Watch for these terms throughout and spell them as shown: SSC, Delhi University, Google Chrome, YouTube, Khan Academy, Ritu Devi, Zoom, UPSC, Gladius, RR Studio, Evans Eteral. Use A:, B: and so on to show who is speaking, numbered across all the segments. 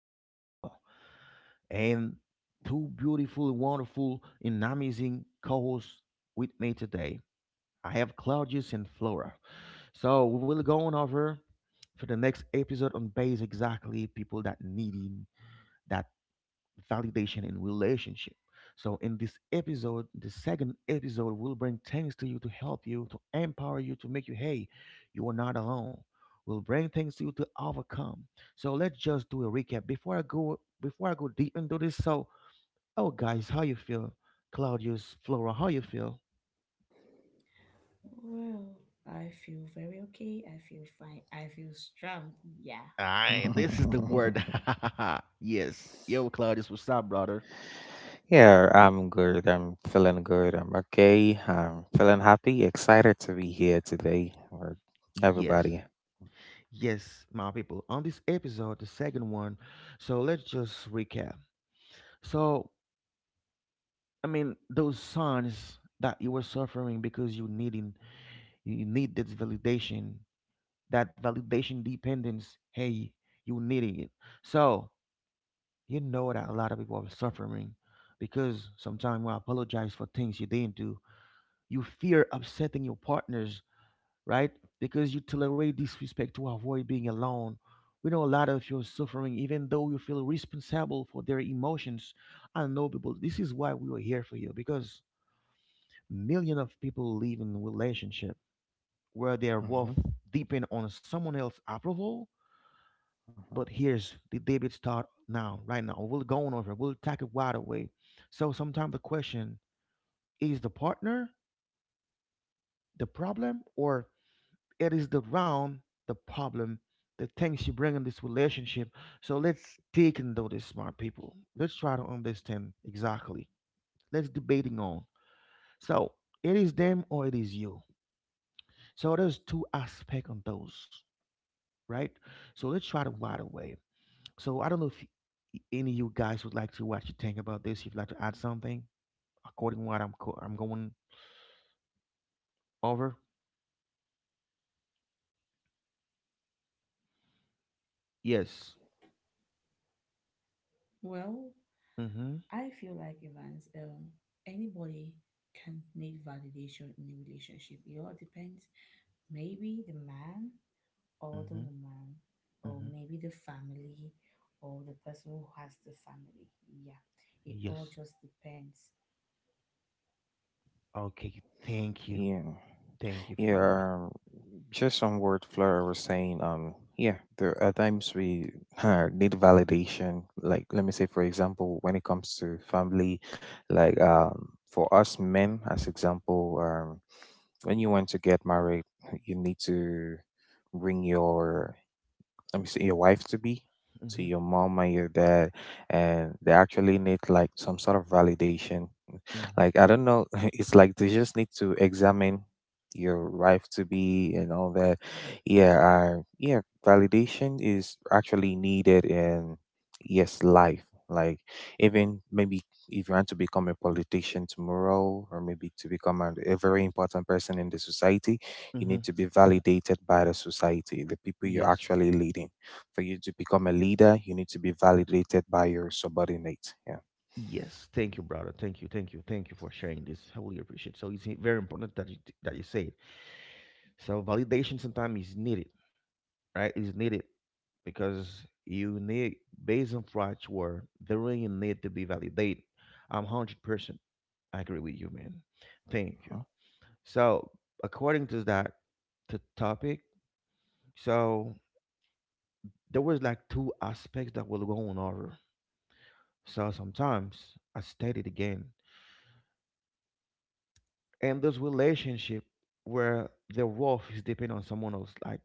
A: Eteral, and two beautiful, wonderful, and amazing co-hosts with me today. I have Claudius and Flora. So we will go on over for the next episode on base exactly people that needing that validation in relationship. So in this episode, the second episode, we will bring things to you to help you, to empower you, to make you hey, you are not alone. We Will bring things to you to overcome. So let's just do a recap before I go deep into this. So, oh guys, how you feel? Claudius, Flora, how you feel?
B: Well, I feel very okay. I feel fine. I feel strong. Yeah.
A: Aye, this is the word. Yes. Yo, Claudius, what's up, brother?
C: Yeah, I'm good. I'm feeling good. I'm okay. I'm feeling happy, excited to be here today with
A: Yes.
C: everybody.
A: Yes, my people. On this episode, the second one, so let's just recap. So I mean, those signs that you were suffering because you needing, you need this validation, that validation dependence. Hey, you needing it. So you know that a lot of people are suffering because sometimes you apologize for things you didn't do. You fear upsetting your partners, right? Because you tolerate disrespect to avoid being alone. We know a lot of you are suffering, even though you feel responsible for their emotions. I know people. This is why we were here for you because millions of people live in relationship where their
C: hmm
A: worth depend on someone else's approval.
C: hmm
A: But here's the debate start now, right now. We'll go on over. We'll tackle it right away. So sometimes the question, is the partner the problem, or it is the round the problem, the things you bring in this relationship. So let's take into this, smart people. Let's try to understand exactly. Let's debating on. So it is them or it is you. So there's two aspects on those, right? So let's try to
C: hmm
A: wide away. So I don't know if any of you guys would like to, what you think about this. If you'd like to add something according to what I'm going over. Yes.
B: Well,
A: Mm-hmm.
B: I feel like Evans, anybody can need validation in a relationship. It all depends. Maybe the man or the
A: Mm-hmm.
B: woman, or
A: Mm-hmm.
B: maybe the family or the person who has the family. Yeah. It all
A: Yes.
B: just depends.
A: Okay. Thank you.
C: Yeah.
A: Thank you, Flora.
C: Yeah. um, Just on what Flora was saying, yeah, there are times we need validation. Like, let me say, for example, when it comes to family, like, for us men, as example, when you want to get married, you need to bring your say your wife to be, to
A: Mm-hmm.
C: your mom and your dad, and they actually need like some sort of validation.
A: Mm-hmm.
C: Like I don't know, it's like they just need to examine your wife to be and all that. Yeah, validation is actually needed in yes life. Like even maybe if you want to become a politician tomorrow, or maybe to become a very important person in the society, you
A: Mm-hmm.
C: need to be validated by the society, the people you're
A: Yes.
C: actually leading. For you to become a leader, you need to be validated by your subordinate. Yeah.
A: Yes. Thank you, brother. Thank you. Thank you. Thank you for sharing this. I really appreciate it. So it's very important that you say it. So validation sometimes is needed, right, is needed because you need, based on facts where they really need to be validated. I'm 100% agree with you, man. Thank you. So according to that, to topic, so there was like two aspects that were going over. So sometimes I stated again, and those relationship where their worth is dependent on someone else, like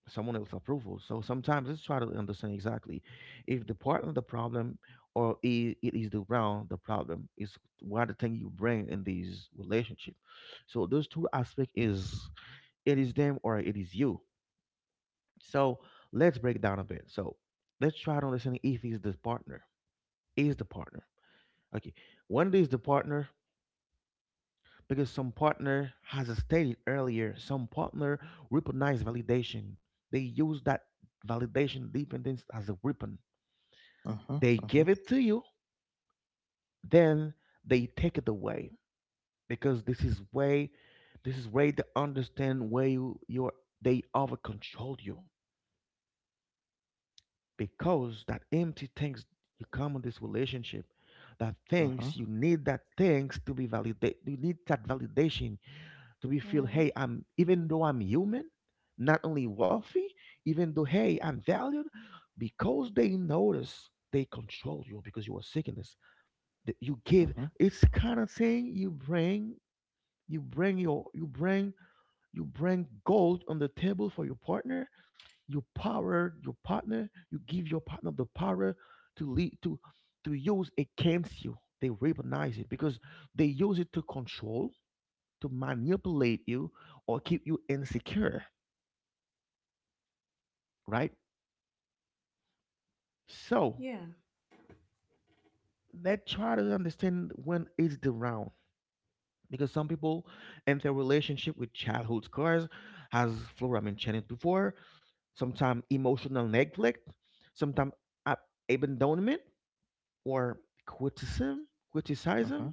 A: someone else's approval. So sometimes let's try to understand exactly if the partner the problem, or it is the round the problem, is what the thing you bring in these relationship. So those two aspect is, it is them or it is you. So let's break down a bit. So let's try to understand if is the partner, is the partner. Okay, when is the partner? Because some partner has stated earlier, some partner recognize validation, they use that validation dependence as a weapon.
C: Mhm,
A: They
C: mhm,
A: give it to you, then they take it away, because this is way they understand where you're, they over control you, because that empty things you come in this relationship, that
C: mhm,
A: things you need, that things to be validate, you need that validation. Do we feel,
B: Yeah.
A: hey, I'm, even though I'm human, not only wealthy, even though, hey, I'm valued, because they notice, they control you because you are sickness. That you
C: mhm,
A: give.
C: mhm,
A: It's kind of saying you bring your, you bring gold on the table for your partner. You power your partner. You give your partner the power to lead to use against you. They recognize it because they use it to control, to manipulate you or keep you insecure, right? So
B: Yeah.
A: let's try to understand when is the round. Because some people enter relationship with childhood scars, as Flora mentioned before, sometimes emotional neglect, sometimes abandonment, or criticism,
C: mhm,
A: criticism,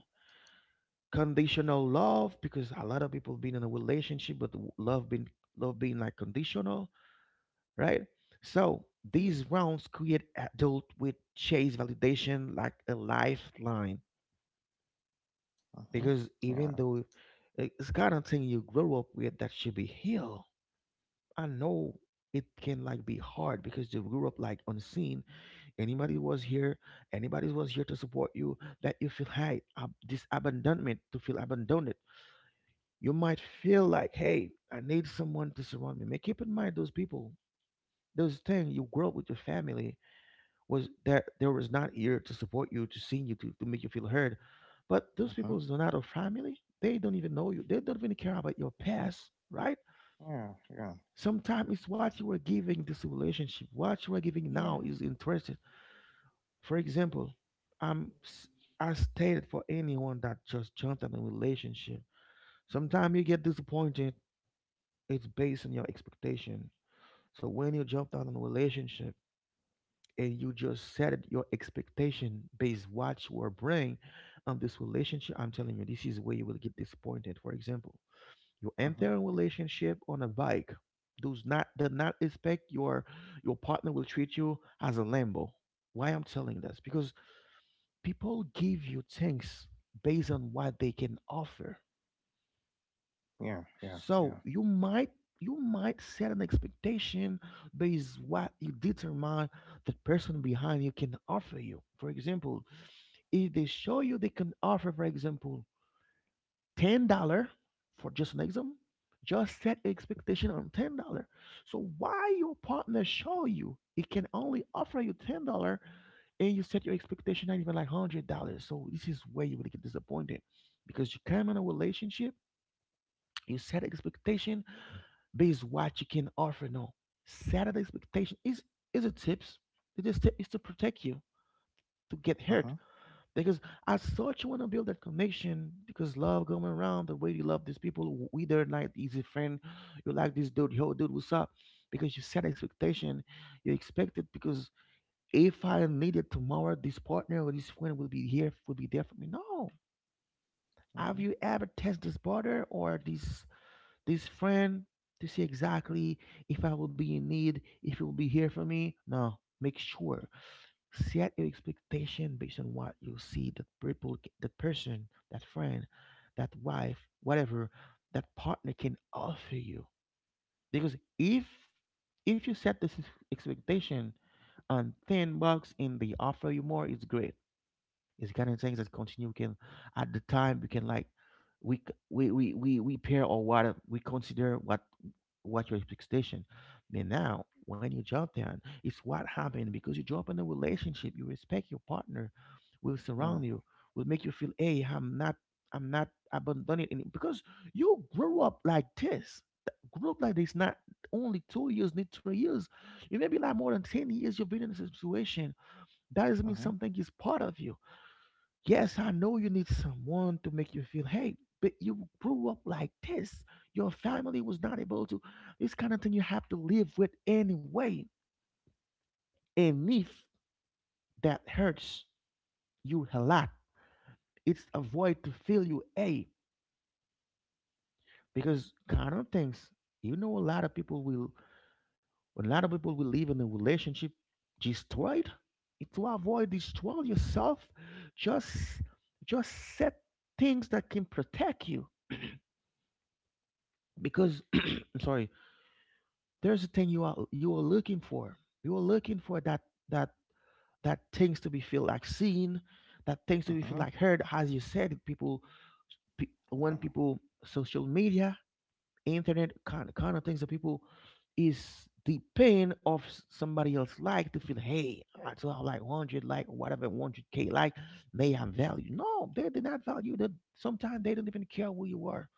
A: conditional love, because a lot of people been in a relationship, but love being like conditional, right? So these rounds create adult with chase validation like a lifeline,
C: mhm.
A: because even
C: Yeah.
A: though it's kind of thing you grow up with that should be healed. I know it can like be hard because you grew up like unseen. Anybody was here, anybody was here to support you. That you feel hey, this abandonment, to feel abandoned. You might feel like hey, I need someone to surround me. Man, keep in mind those people, those things you grow up with your family was, that there was not here to support you, to see you, to make you feel heard. But those
C: mhm,
A: people are not a family. They don't even know you. They don't even care about your
C: mhm.
A: past, right?
C: Yeah. Yeah.
A: Sometimes it's what you were giving this relationship. What you are giving
B: Yeah.
A: now is interested. For example, I'm s- I stated, for anyone that just jumped in a relationship, sometimes you get disappointed. It's based on your expectation. So when you jump out in a relationship, and you just your expectation based what you are bringing on this relationship, I'm telling you, this is where you will get disappointed. For example, you
C: mhm,
A: enter a relationship on a bike. Does not, do not expect your partner will treat you as a Lambo. Why I'm telling this? Because people give you things based on what they can offer.
C: Yeah. Yeah. Yeah.
A: So you might set an expectation based what you determine the person behind you can offer you. For example, if they show you they can offer, for example, $10 for just an exam, just set expectation on $10. So why your partner show you it can only offer you $10, and you set your expectation at even like $100. So this is where you will get disappointed because you come in a relationship, you set expectation based what you can offer. No, set an expectation is a tips. Is to protect you to get hurt.
C: mhm,
A: Because I thought you want to build that connection, because love going around, the way you love these people, we don't like easy friend, you like this dude, yo, dude, what's up? Because you set expectation, you expect it because if I needed tomorrow, this partner or this friend will be here, will be there for me. No, have
C: mhm,
A: you ever tested this partner or this friend to see exactly, if I will be in need, if it will be here for me? No, make sure set your expectation based on what you see that that person, that friend, that wife, whatever, that partner can offer you. Because if you set this expectation on thin box, and they offer you more, it's great. It's kind of things that continue. We can, at the time, we can like, we c- we pair, or what we consider what your expectation. But now, when you drop down, it's what happened, because you drop in a relationship. You respect your partner, will
C: Yeah.
A: surround you, will make you feel, hey, I'm not abandoned in it, because you grew up like this. Grew up like this, not only 2 years, need 3 years. You may be like more than 10 years. You've been in this situation. That doesn't mean
C: mhm,
A: something is part of you. Yes, I know you need someone to make you feel, hey, but you grew up like this. Your family was not able to. This kind of thing you have to live with anyway. And if that hurts you a lot, it's a void to fill you, a, because kind of things. You know, a lot of people will live in a relationship destroyed. To avoid destroy yourself, just just set things that can protect you. Because I'm sorry, there's a thing you are, you were looking for. You were looking for that, that that things to be feel like seen, that things to be feel
C: mhm,
A: like heard. As you said, it, people,
C: Yeah.
A: when people, social media, internet kind of things that people is the pain of somebody else, like to feel hey, right? So I saw like 100 like whatever 100K, like they have value. No, they did not value that. Sometimes they don't even care who you are.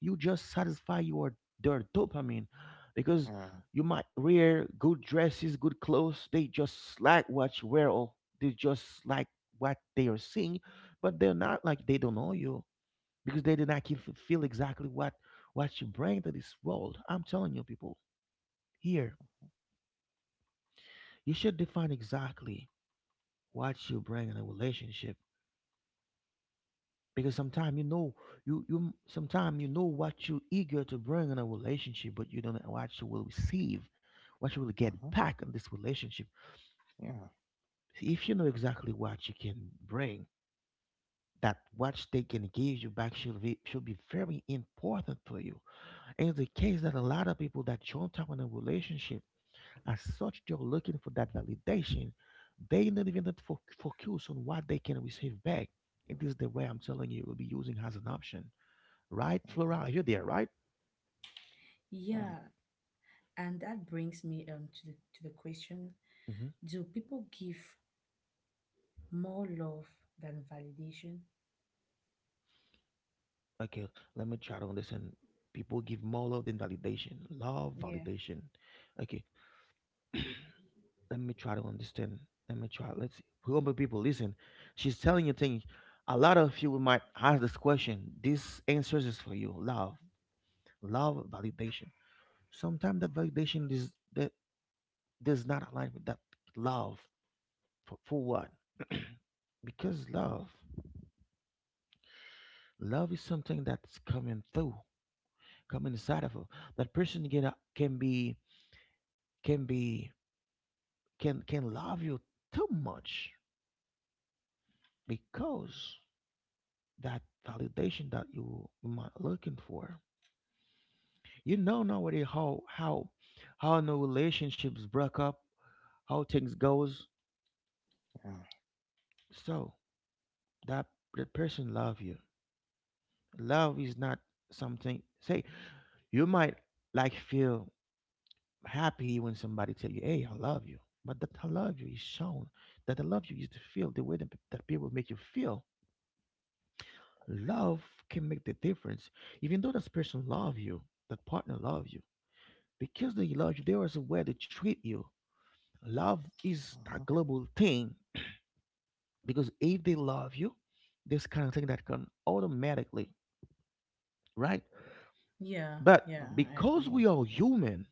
A: You just satisfy your, their dopamine, because
C: Yeah.
A: you might wear good dresses, good clothes. They just like what you wear, or they just like what they are seeing, but they're not like, they don't know you, because they did not keep, feel exactly what you bring to this world. I'm telling you, people, here you should define exactly what you bring in a relationship, because sometimes you know you sometimes you know what you're eager to bring in a relationship, but you don't know what you will receive, what you will get
C: mhm,
A: back in this relationship.
C: Yeah.
A: If you know exactly what you can bring, that what they can give you back should be, should be very important for you. And it's the case that a lot of people that jump up in a relationship, as such, they're looking for that validation. They not even that focus on what they can receive back. It is the way, I'm telling you, will be using as an option. Right,
C: mhm,
A: Flora, are you there, right?
C: Yeah.
B: Yeah. And that brings me to the question,
A: hmm
B: do people give more love than validation.
A: Okay, let me try to understand. People give more love than validation. Love,
B: Yeah.
A: validation. Okay, let me try to understand. Let me try. Let's see. Remember, people, listen. She's telling you things. A lot of you might ask this question. This answers is for you. Love, love, validation. Sometimes that validation is that does not align with that love. For what? Because love, love is something that's coming through. Come inside of her. That person can be can love you too much, because that validation that you might looking for. You know nowadays how how no relationships break up, how things goes.
C: Yeah.
A: So that the person love you. Love is not something. Say you might like feel happy when somebody tell you, "Hey, I love you," but that I love you is shown. That I love you is to feel, the way that, that people make you feel. Love can make the difference, even though this person love you, that partner love you, because they love you. There is a way to treat you. Love is a
C: mhm,
A: global thing, because if they love you, this kind of thing that can automatically, right?
B: Yeah.
A: But
B: Yeah, I
C: mhm,
A: because
B: agree.
C: Yeah.
A: we are human,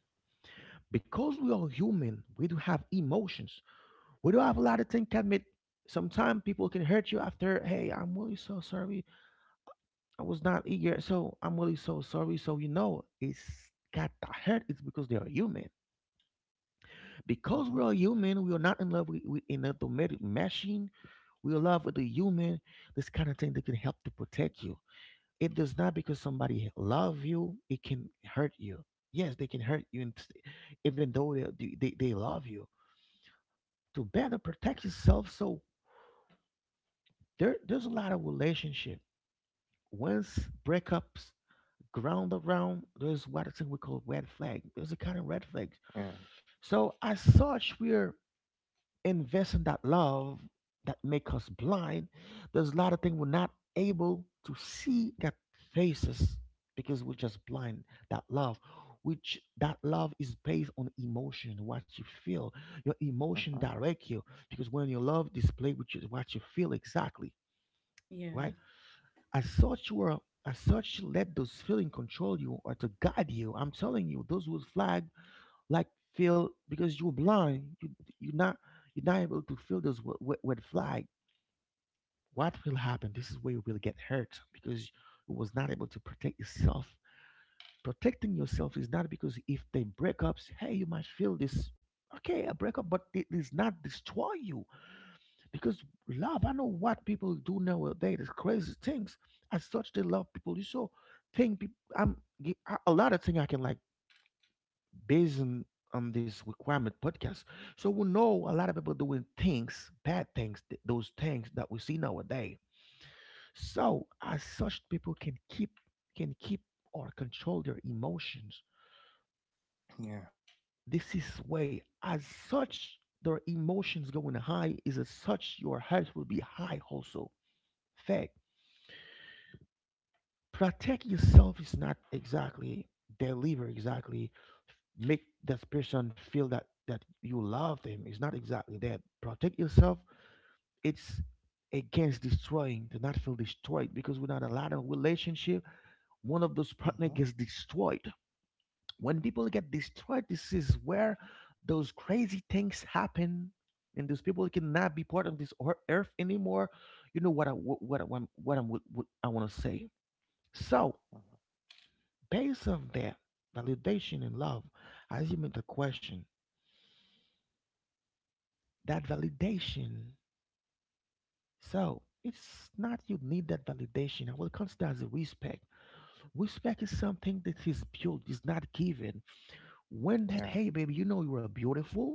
A: because we are human, we do have emotions. We do have a lot of things to admit. Sometimes people can hurt you after, hey, I'm really so sorry. I was not eager, so I'm really so sorry. So you know, it's got to hurt. It's because they are human. Because we
C: mhm,
A: are human, we are not in love with an automatic machine. We are in love with the human. This kind of thing that can help to protect you. It does not because somebody love you. It can hurt you. Yes, they can hurt you, and even though they love you, to better protect yourself. So there's a lot of relationship. Once breakups ground around, there's what I think we call red flag. There's a kind of red flags.
C: Yeah.
A: So as such, we're investing that love that make us blind. There's a lot of things we're not able to see that faces, because we're just blind. That love, which that love is based on emotion, what you feel. Your
C: Uh
A: emotion
C: huh.
A: direct you, because when your love display, which is what you feel exactly,
B: Yeah.
A: right? As such, were as such, let those feelings control you or to guide you. I'm telling you, those would flag like feel because you're blind. You're not you're not able to feel those red flag. What will happen? This is where you will get hurt, because you was not able to protect yourself. Protecting yourself is not because if they break ups, hey, you might feel this. Okay, a breakup, but it does not destroy you. Because love, I know what people do nowadays, crazy things. As such, they love people. You saw thing, I'm a lot of thing I can like based on this requirement podcast. So we know a lot of people doing things, bad things, those things that we see nowadays. So as such, people can keep or control their emotions.
C: Yeah.
A: This is way as such their emotions going high is as such your heart will be high also. Fact protect yourself is not exactly deliver exactly make that person feel that that you love them. It's not exactly that protect yourself, it's against destroying, to not feel destroyed, because without a lot of relationship one of those
C: Uh
A: partner
C: huh.
A: gets destroyed. When people get destroyed, this is where those crazy things happen, and those people cannot be part of this earth anymore. You know what, I what I'm what I'm what I want to say. So based on that validation and love, as you made the question, that validation. So it's not you need that validation. I will consider as a respect. Respect is something that is built, is not given. When that,
C: Yeah.
A: hey baby, you know you are beautiful.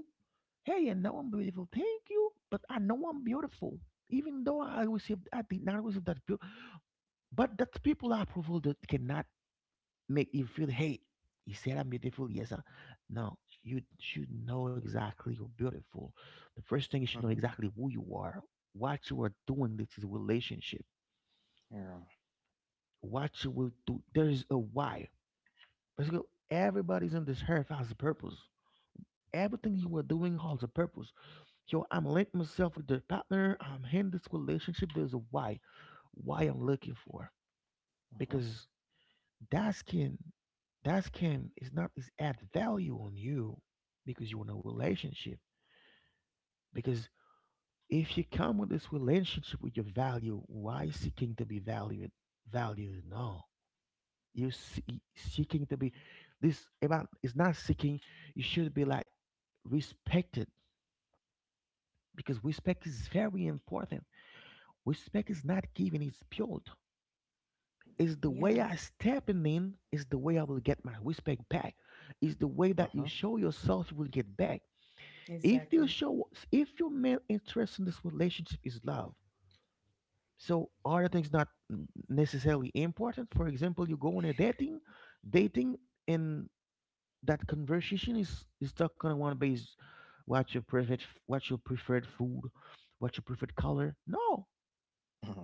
A: Hey, I know I'm beautiful. Thank you, but I know I'm beautiful. Even though I received, I did not receive that beautiful. But that people approval that cannot make you feel, hey, you said I'm beautiful, no, you should know exactly you're beautiful. The first thing, you should
C: Uh
A: know
C: huh.
A: exactly who you are, what you are doing. This is relationship,
C: Yeah.
A: what you will do. There is a why. Basically everybody's on this earth has a purpose. Everything you are doing has a purpose. Yo, I'm linking myself with the partner, I'm in this relationship, there's a why I'm looking for.
C: Uh
A: Because That scam, that scam is not is add value on you, because you want a relationship. Because if you come with this relationship with your value, why seeking to be valued? Valued? No, you see, seeking to be this about is not seeking. You should be like respected, because respect is very important. Respect is not given; it's built. Is the way
B: Yeah.
A: I stepping in is the way I will get my respect back. Is the way
C: Uh
A: that you
C: huh.
A: show yourself you will get back. If you
B: Exactly.
A: show, if your main interest in this relationship is love, so other things not necessarily important. For example, you go on a dating, dating, and that conversation is stuck on one base, what your preferred, what your preferred food, what your preferred color. No,
C: huh.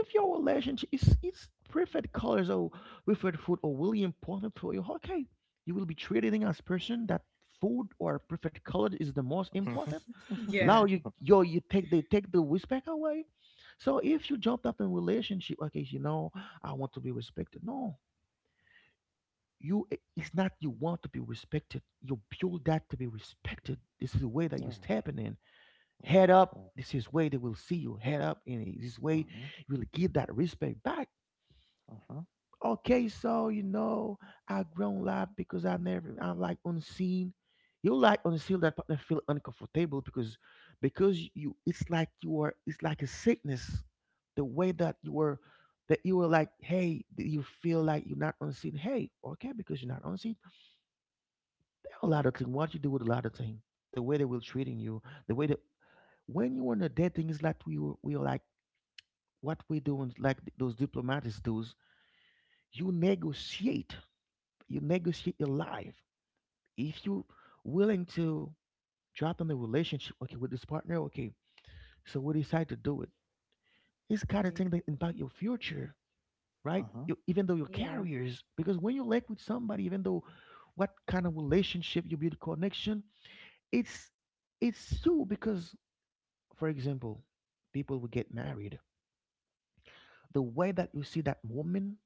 C: Uh
A: your relationship is preferred colors or preferred food or really important for you, okay, you will be treating as person that food or preferred color is the most
C: huh.
A: important. Now
B: Yeah.
A: you yo you take they take the respect away. So if you jumped up in relationship, okay, you know, I want to be respected. No, you it's not you want to be respected. You build that to be respected. This is the way that you're
C: Yeah.
A: stepping in. Head up.
C: Yeah.
A: This is way they will see you head up, and this way
C: Yeah.
A: you will give that respect back.
C: Uh huh.
A: Okay, so you know, I grown live because I never I'm like unseen. You like unseen that partner feel uncomfortable, because you it's like you are it's like a sickness. The way that you were, that you were like, hey, that you feel like you're not unseen. Hey, okay, because you're not unseen. There are a lot of things. What you do with a lot of things. The way they will treating you, the way that when you on a dating is like we are like what we doing like those diplomatists do. You negotiate, you negotiate your life. If you willing to drop on the relationship, okay, with this partner, okay, so we decide to do it. It's kind of
B: Yeah.
A: thing that impact your future, right?
C: Uh
A: You, even though your
B: Yeah.
A: careers, because when you link with somebody, even though what kind of relationship you build connection, it's it's you because, for example, people will get married. The way that you see that woman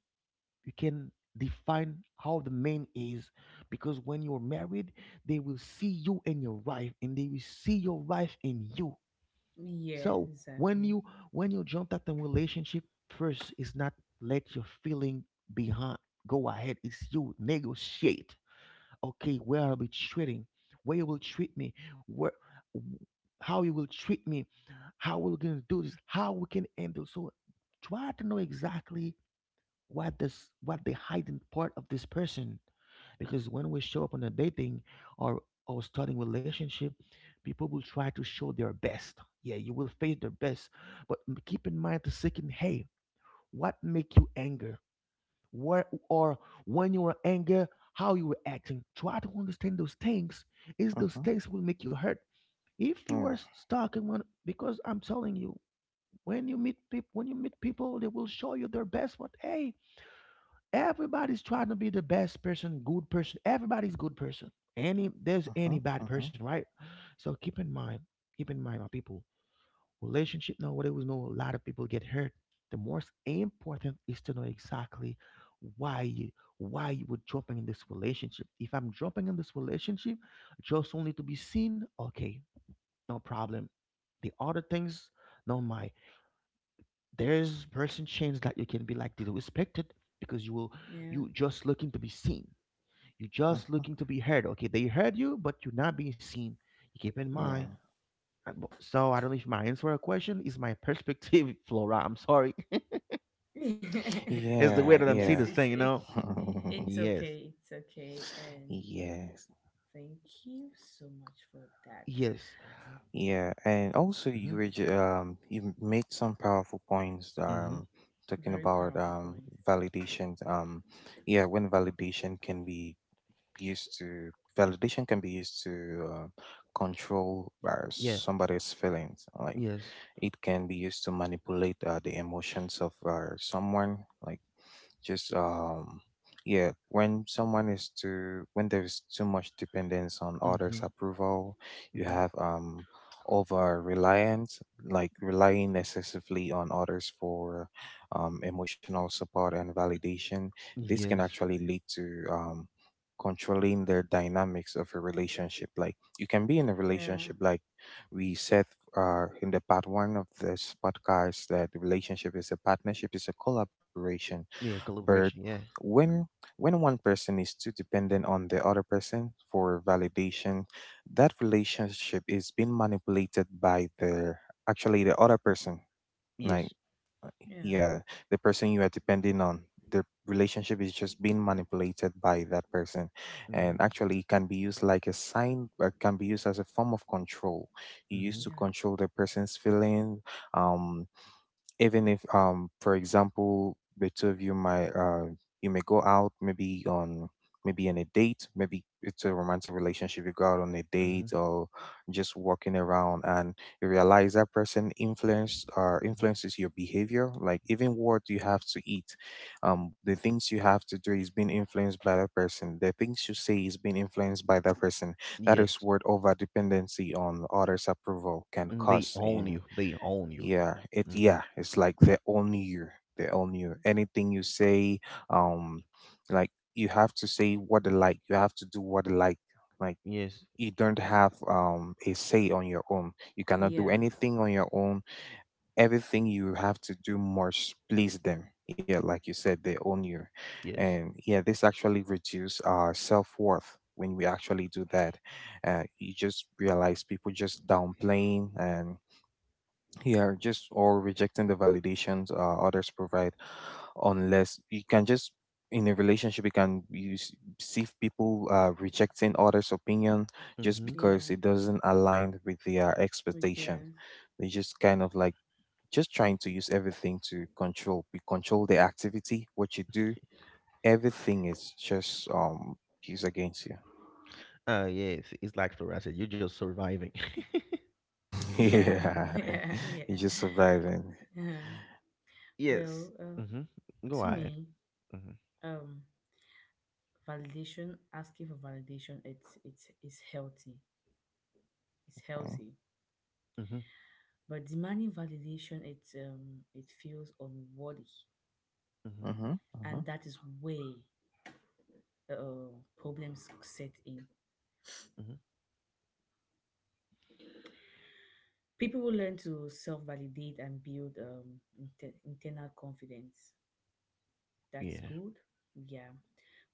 A: you can define how the man is, because when you're married they will see you and your wife, and they will see your wife in you.
B: Yes,
A: So when
B: exactly.
A: you when you jump at the relationship, first is not let your feeling behind, go ahead, it's you negotiate, okay, where I'll be treating, where you will treat me, where, how you will treat me, how we're going to do this, how we can handle. So try to know exactly what does what the hidden part of this person, because when we show up on a dating, or or starting relationship, people will try to show their best, yeah, you will face their best. But keep in mind the second, hey, what make you anger, where, or when you were anger, how you were acting, try to understand those things. Is those
C: huh.
A: things will make you hurt, if you are
C: Yeah.
A: stuck in one, because I'm telling you, when you meet people, when you meet people, they will show you their best, but hey, everybody's trying to be the best person, good person. Everybody's good person. Any there's
C: Uh
A: any
C: huh.
A: bad
C: huh.
A: person, right? So keep in mind, my people, relationship. Now, what we know, a lot of people get hurt. The most important is to know exactly why you why you were dropping in this relationship. If I'm dropping in this relationship just only to be seen, okay, no problem. The other things, no my there's person change that you can be like disrespected because
B: Yeah.
A: you just looking to be seen, you're
C: Uh
A: just
C: huh.
A: looking to be heard. Okay, they heard you, but you're not being seen. You keep in mind.
B: Yeah.
A: So I don't know if my answer a question is my perspective, Flora. I'm sorry.
B: it's
A: It's the
C: Yeah.
A: way that I'm
C: Yeah.
A: seeing this
B: it's
A: thing, you
B: it,
A: know?
B: it
C: Yeah.
B: it's
A: Yes.
B: okay. It's okay. And
C: Yes.
B: thank you so much for that.
A: Yes.
C: Yeah. And also
A: Mm-hmm.
C: you were you made some powerful points
A: Mm-hmm.
C: talking
B: Very
C: about
B: powerful point.
C: validations, yeah, when validation can be used to validation can be used to uh, control
A: Yeah.
C: somebody's feelings, like
A: Yes.
C: it can be used to manipulate the emotions of someone, like just yeah, when someone is too, when there's too much dependence on others
A: Mm-hmm.
C: approval, you
A: Mm-hmm.
C: have over reliance, like relying excessively on others for emotional support and validation. This can
A: Yes.
C: actually lead to controlling their dynamics of a relationship. Like you can be in a
B: Yeah,
C: relationship, like we said in the part one of this podcast, that the relationship is a partnership, is a collaboration.
A: Yeah,
C: But
A: collaboration. Yeah.
C: when when one person is too dependent on the other person for validation, that relationship is being manipulated by the, actually the other person. Like
A: Yes.
C: uh,
B: yeah,
C: yeah, the person you are depending on, the relationship is just being manipulated by that person.
A: Mm-hmm.
C: And actually it can be used like a sign or can be used as a form of control. You
A: Mm-hmm.
C: used to
B: yeah,
C: control the person's feelings, um even if for example, the two of you might you may go out, maybe on, maybe on a date, maybe it's a romantic relationship, you go out on a
A: Mm-hmm.
C: date or just walking around, and you realize that person influence or
A: Hmm.
C: influences your behavior, like even what you have to eat, the things you have to do is being influenced by that person, the things you say is being influenced by that person. That is
A: Yes.
C: what over dependency on others approval can
A: Mm, they
C: cause
A: own
C: in.
A: you. They own you.
C: yeah, it
A: Mm-hmm.
C: yeah, it's like they all knew you. They all knew anything you say. Um, like you have to say what they like. You have to do what they like. Like
A: Yes.
C: you don't have a say on your own. You
A: Mm-hmm.
C: cannot do
B: yeah,
C: anything on your own. Everything you have to do must please them. Yeah, like you said, they own you,
A: Yes.
C: and yeah, this actually reduce our self worth when we actually do that. You just realize people just downplaying and yeah, just or rejecting the validations others provide, unless you can just, in a relationship you can you see if people rejecting others opinion just
A: Mm-hmm.
C: because
B: yeah,
C: it doesn't align with their
B: with the
C: expectation. They just kind of like just trying to use everything to control, we control the activity, what you do. Everything is just used against you.
A: Yes, it's like Flora said, you're just surviving.
B: yeah,
C: Yeah.
B: yeah,
C: You're
B: yeah,
C: just surviving.
B: yeah.
A: Yes.
B: Well, uh,
A: Mm-hmm. Go
B: to
A: ahead.
B: me,
A: Mm-hmm.
B: um, validation, asking for validation, it's healthy. It's
C: Right?
B: healthy.
A: Mm-hmm.
B: But demanding validation, it feels unworthy,
A: Mm-hmm.
C: mm-hmm,
B: and that is where problems set in.
A: Hmm.
B: People will learn to self-validate and build internal confidence. That's
A: Yeah.
B: good. Yeah.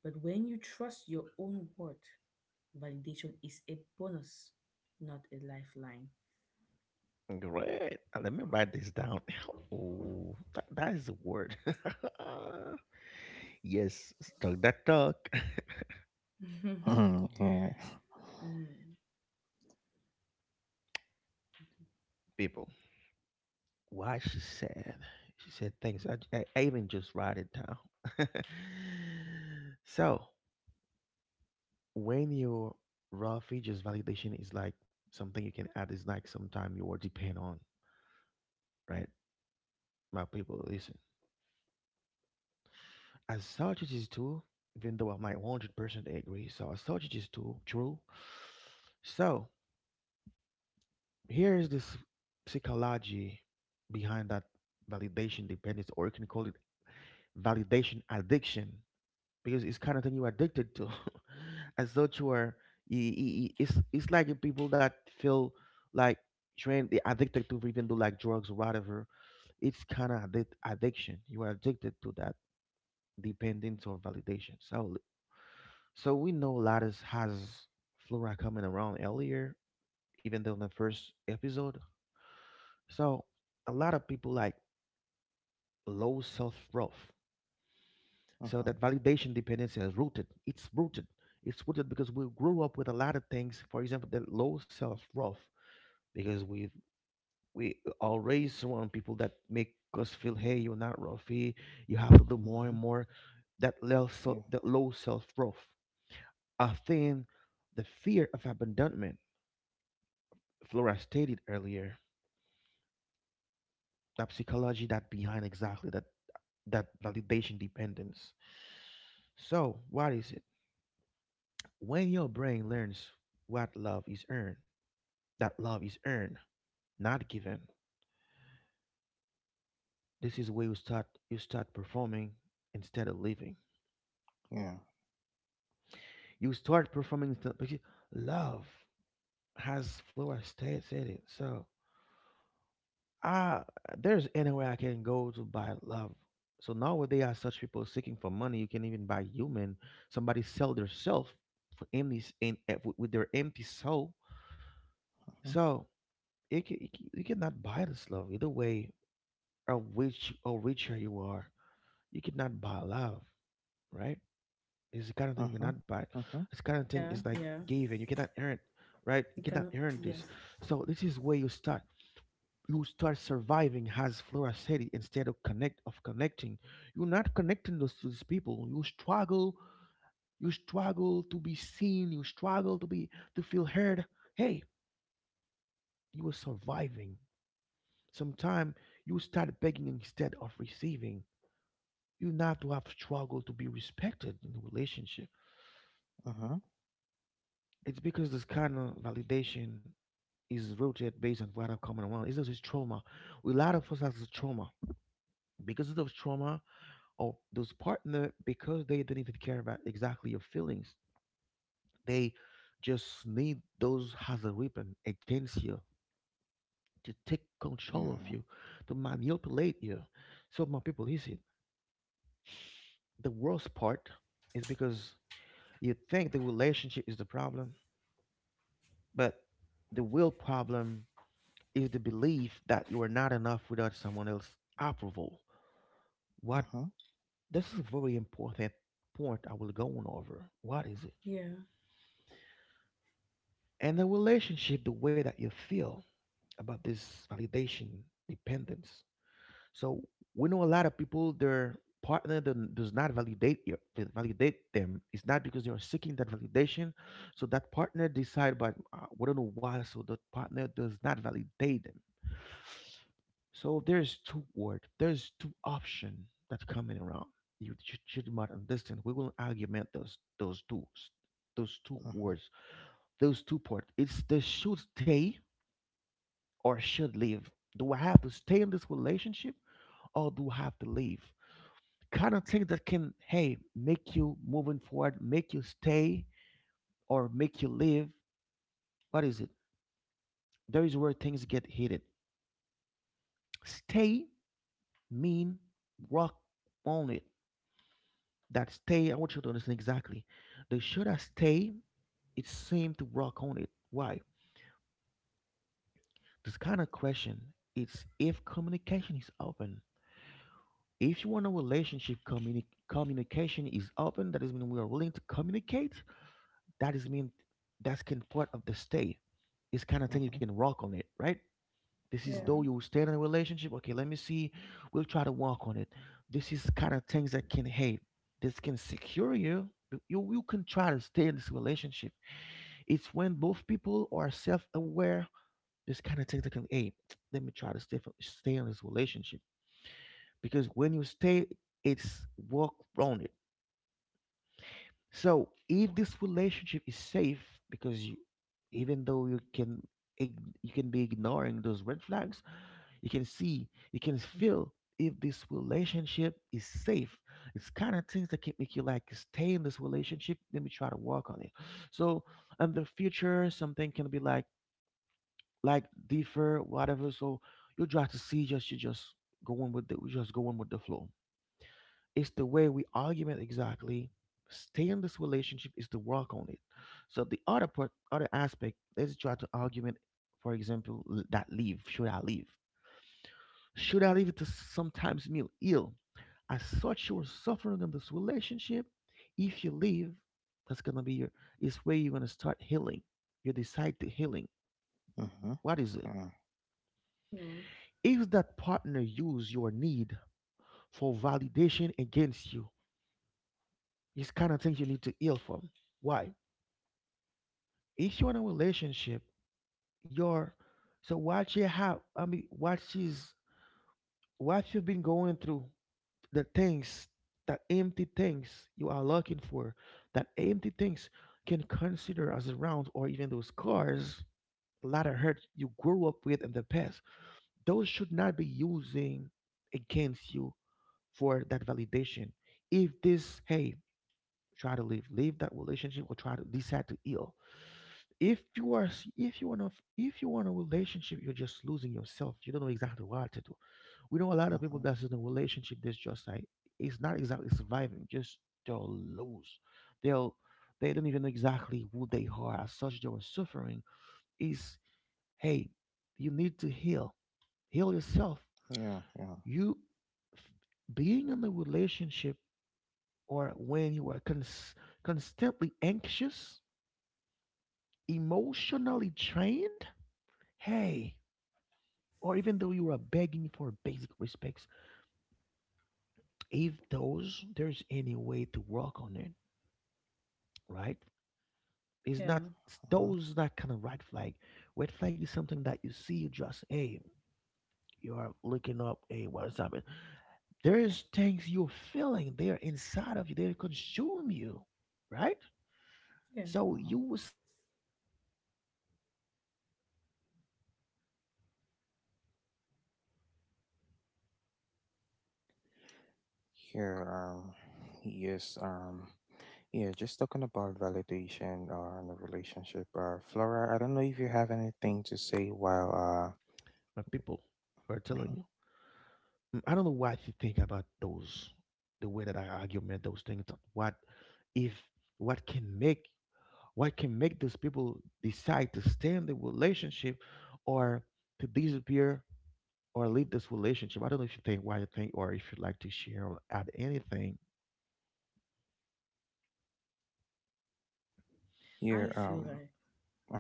B: But when you trust your own word, validation is a bonus, not a lifeline.
A: Great. Let me write this down. Oh, that is a word. Yes, stuck that talk.
C: mm-hmm. Yeah.
B: Mm.
A: People, why she said things. I even just write it down. So, when your raw features validation is like something you can add, is like sometime you will depend on, right? My people, listen. As such, it is true, even though I might 100% agree. So, as such, it is too true. So, here is this psychology behind that validation dependence, or you can call it validation addiction, because it's kind of thing you're addicted to. As such, you are, it's like the people that feel like trained, they addicted to even do like drugs or whatever. It's kind of addiction. You are addicted to that dependence or validation. So, so we know Lattice has Flora coming around earlier, even though in the first episode. So a lot of people like low self-worth. So
C: mm-hmm.
A: that validation dependency is rooted. It's rooted. It's rooted because we grew up with a lot of things. For example, the low self-worth because we always surround people that make us feel, hey, you're not worthy. You have to do more
C: Mm-hmm.
A: and more. That low, so,
C: Yeah.
A: that low self-worth. A thing, the fear of abandonment Flora stated earlier, that psychology that behind exactly that validation dependence. So, what is it? When your brain learns what love is earned, that love is earned, not given. This is where you start performing instead of living.
C: Yeah.
A: You start because love has Flora said it. So uh there's anywhere I can go to buy love. So nowadays, are such people seeking for money. You can even buy human. Somebody sell their self for empty s- in, eh, with their empty soul.
C: Uh-huh.
A: So you cannot buy this love either way. Or richer you are, you cannot buy love, right? It's the kind of thing you
C: Uh-huh.
A: cannot buy.
C: Uh-huh.
A: It's the kind of thing is
B: Yeah,
A: like
B: yeah.
A: giving. You cannot earn, right? You
B: You
A: cannot
B: cannot.
A: earn this.
B: Yeah,
A: So this is where you start. You start surviving as Flora said instead of connecting. You're not connecting those to these people. You struggle to be seen, you struggle to feel heard. Hey, you are surviving. Sometime you start begging instead of receiving. You not to have struggle to be respected in the relationship.
C: Uh-huh.
A: It's because this kind of validation is rooted based on what I've come around. It's just trauma. A lot of us has a trauma. Because of those trauma, of those partner because they don't even care about exactly your feelings. They just need those as a weapon against you to take control of
C: Yeah.
A: you, to manipulate you. So my people, listen. The worst part is because you think the relationship is the problem, but the real problem is the belief that you are not enough without someone else's approval. What
C: Uh-huh.
A: this is a very important point I will go on over. What is it?
B: yeah,
A: And a relationship, the way that you feel about this validation dependence. So we know a lot of people, their partner does not validate you, validate them. It's not because they are seeking that validation. So that partner decide, but we don't know why. So that partner does not validate them. So there's two option that coming around. You should not understand. We will argument those those two
C: Uh-huh.
A: words, those two parts. It's the should stay or should leave? Do I have to stay in this relationship or do I have to leave? Kind of things that can, hey, make you moving forward, make you stay or make you leave. What is it? There is where things get heated. Stay mean rock on it. That stay, I want you to understand exactly. The should I stay, it seemed to rock on it. Why? This kind of question, it's if communication is open. If you want a relationship communication is open, that is mean we are willing to communicate, that is mean that's kind of part of the stay. It's kind of thing you
C: Uh-huh.
A: can work on it, right? This is
B: yeah,
C: Yeah.
A: though you stay in a relationship. Okay, let me see, we'll try to work on it. This is kind of things that can, hey, this can secure you. You can try to stay in this relationship. It's when both people are self-aware. This kind of things that can, hey, let me try to stay in this relationship, because when you stay, it's work on it. So if this relationship is safe, because you, even though you can you can be ignoring those red flags, you can see, you can feel if this relationship is safe. It's kind of things that can make you like stay in this relationship. Let me try to work on it. So in the future, something can be like differ, whatever. So you try to see just you just going with the flow. It's the way we argument exactly stay in this relationship is to work on it. So the other part, other aspect, let's try to argument. For example, that leave, should I leave? Should I leave to sometimes meal ill. As such you're suffering in this relationship. If you leave, that's gonna be your, it's where you're gonna start healing, you decide to healing.
C: Uh-huh.
A: What is it?
C: Yeah.
B: yeah,
A: If that partner use your need for validation against you, it's kind of things you need to heal from. Why? If you're in a relationship, you're so what you have. I mean, what you've been going through, the things that empty things you are looking for, that empty things can consider as a round or even those cars, a lot of hurt you grew up with in the past. Those should not be using against you for that validation. If this, hey, try to leave, leave that relationship or try to decide to heal. If you want to, if you want a relationship, you're just losing yourself, you don't know exactly what to do. We know a lot of
C: Uh-huh.
A: people that's in a relationship that's just like it's not exactly surviving. Just they'll lose, they'll they don't even know exactly who they are. As such they were suffering. Is, hey, you need to heal, heal yourself.
C: Yeah. Yeah.
A: you f- Being in a relationship or when you are constantly anxious, emotionally drained, hey, or even though you are begging for basic respects, if those there's any way to work on it, right? It's
B: yeah,
A: not
C: Uh-huh.
A: those that kind of red flag. Red flag is something that you see, you just hey, you are looking up, hey, what's happening? There's things you're feeling, they're inside of you, they consume you, right?
B: yeah.
A: So
C: Uh-huh.
A: you was someone need to be healed. Start your healing by leaving this relationship. I'm not telling people to leave any relationship. It's not what we're doing here. We try to
C: Here,
A: identify exactly
C: yes,
A: the matter.
C: yeah, just talking
A: If
C: about
A: there's alarm in your
C: validation or in a
A: situation,
C: relationship.
A: that is when you know what to
C: Flora, I
A: do.
C: don't know if you have anything to say while,
A: But people, we're telling
C: uh-huh.
A: you. Mm, I don't know what you think about those, the way that I argument those things. What if what can make what can make those people decide to stay in the relationship or to disappear or leave this relationship? I don't know if you think what you think or if you'd like to share or add anything.
B: I
C: You're
B: feel like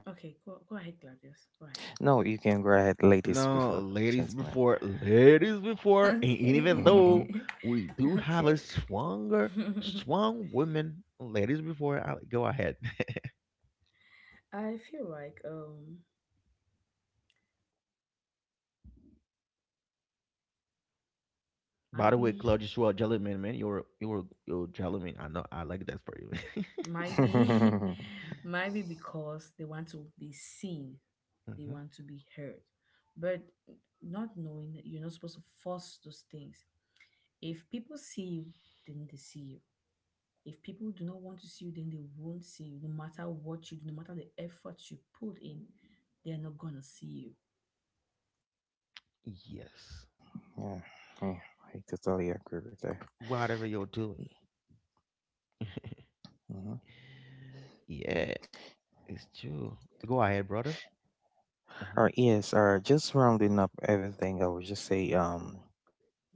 B: okay, go, go ahead, Gladius. Go ahead.
C: no, you can go ahead, ladies
A: No,
C: before gentlemen.
A: ladies before, and even
C: Mhm.
A: though
B: Okay.
A: we do have a
B: okay.
A: strong woman, ladies before, I like, go ahead.
B: I feel like
A: By the way,
B: maybe
A: Claudius, you are a gentleman, man. You're a gentleman. I know. I like that for you.
B: maybe maybe because they want to be seen, they
A: Hmm.
B: want to be heard. But not knowing that you're not supposed to force those things. If people see you, then they see you. If people do not want to see you, then they won't see you. No matter what you do, no matter the effort you put in, they're not gonna see you.
A: Yes.
C: yeah, yeah, I totally agree with that.
A: Whatever you're doing.
C: Mhm.
A: Yeah, it's true. Go ahead, brother. Mm-hmm.
C: All right, yes, all right. Just rounding up everything, I would just say,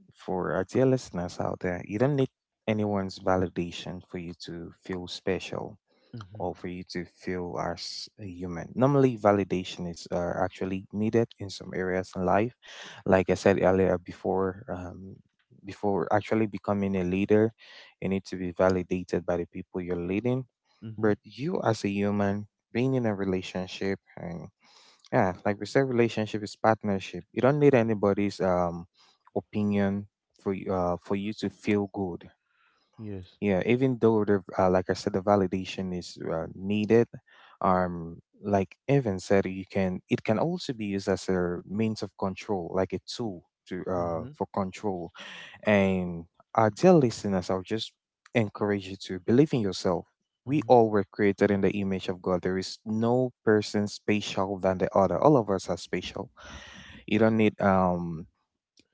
C: for our dear listeners out there, you don't need anyone's validation for you to feel special
A: Mm-hmm.
C: or for you to feel as a human. Normally, validation is actually needed in some areas in life. Like I said earlier, before before actually becoming a leader, you need to be validated by the people you're leading.
A: Mm-hmm.
C: But you, as a human, being in a relationship, and yeah, like we said, relationship is partnership. You don't need anybody's opinion for for you to feel good.
A: Yes.
C: Yeah, even though the like I said, the validation is needed, like Evan said, you can, it can also be used as a means of control, like a tool to
A: Mm-hmm.
C: for control. And our dear listeners, I'll just encourage you to believe in yourself. We all were created in the image of God. There is no person special than the other. All of us are special. You don't need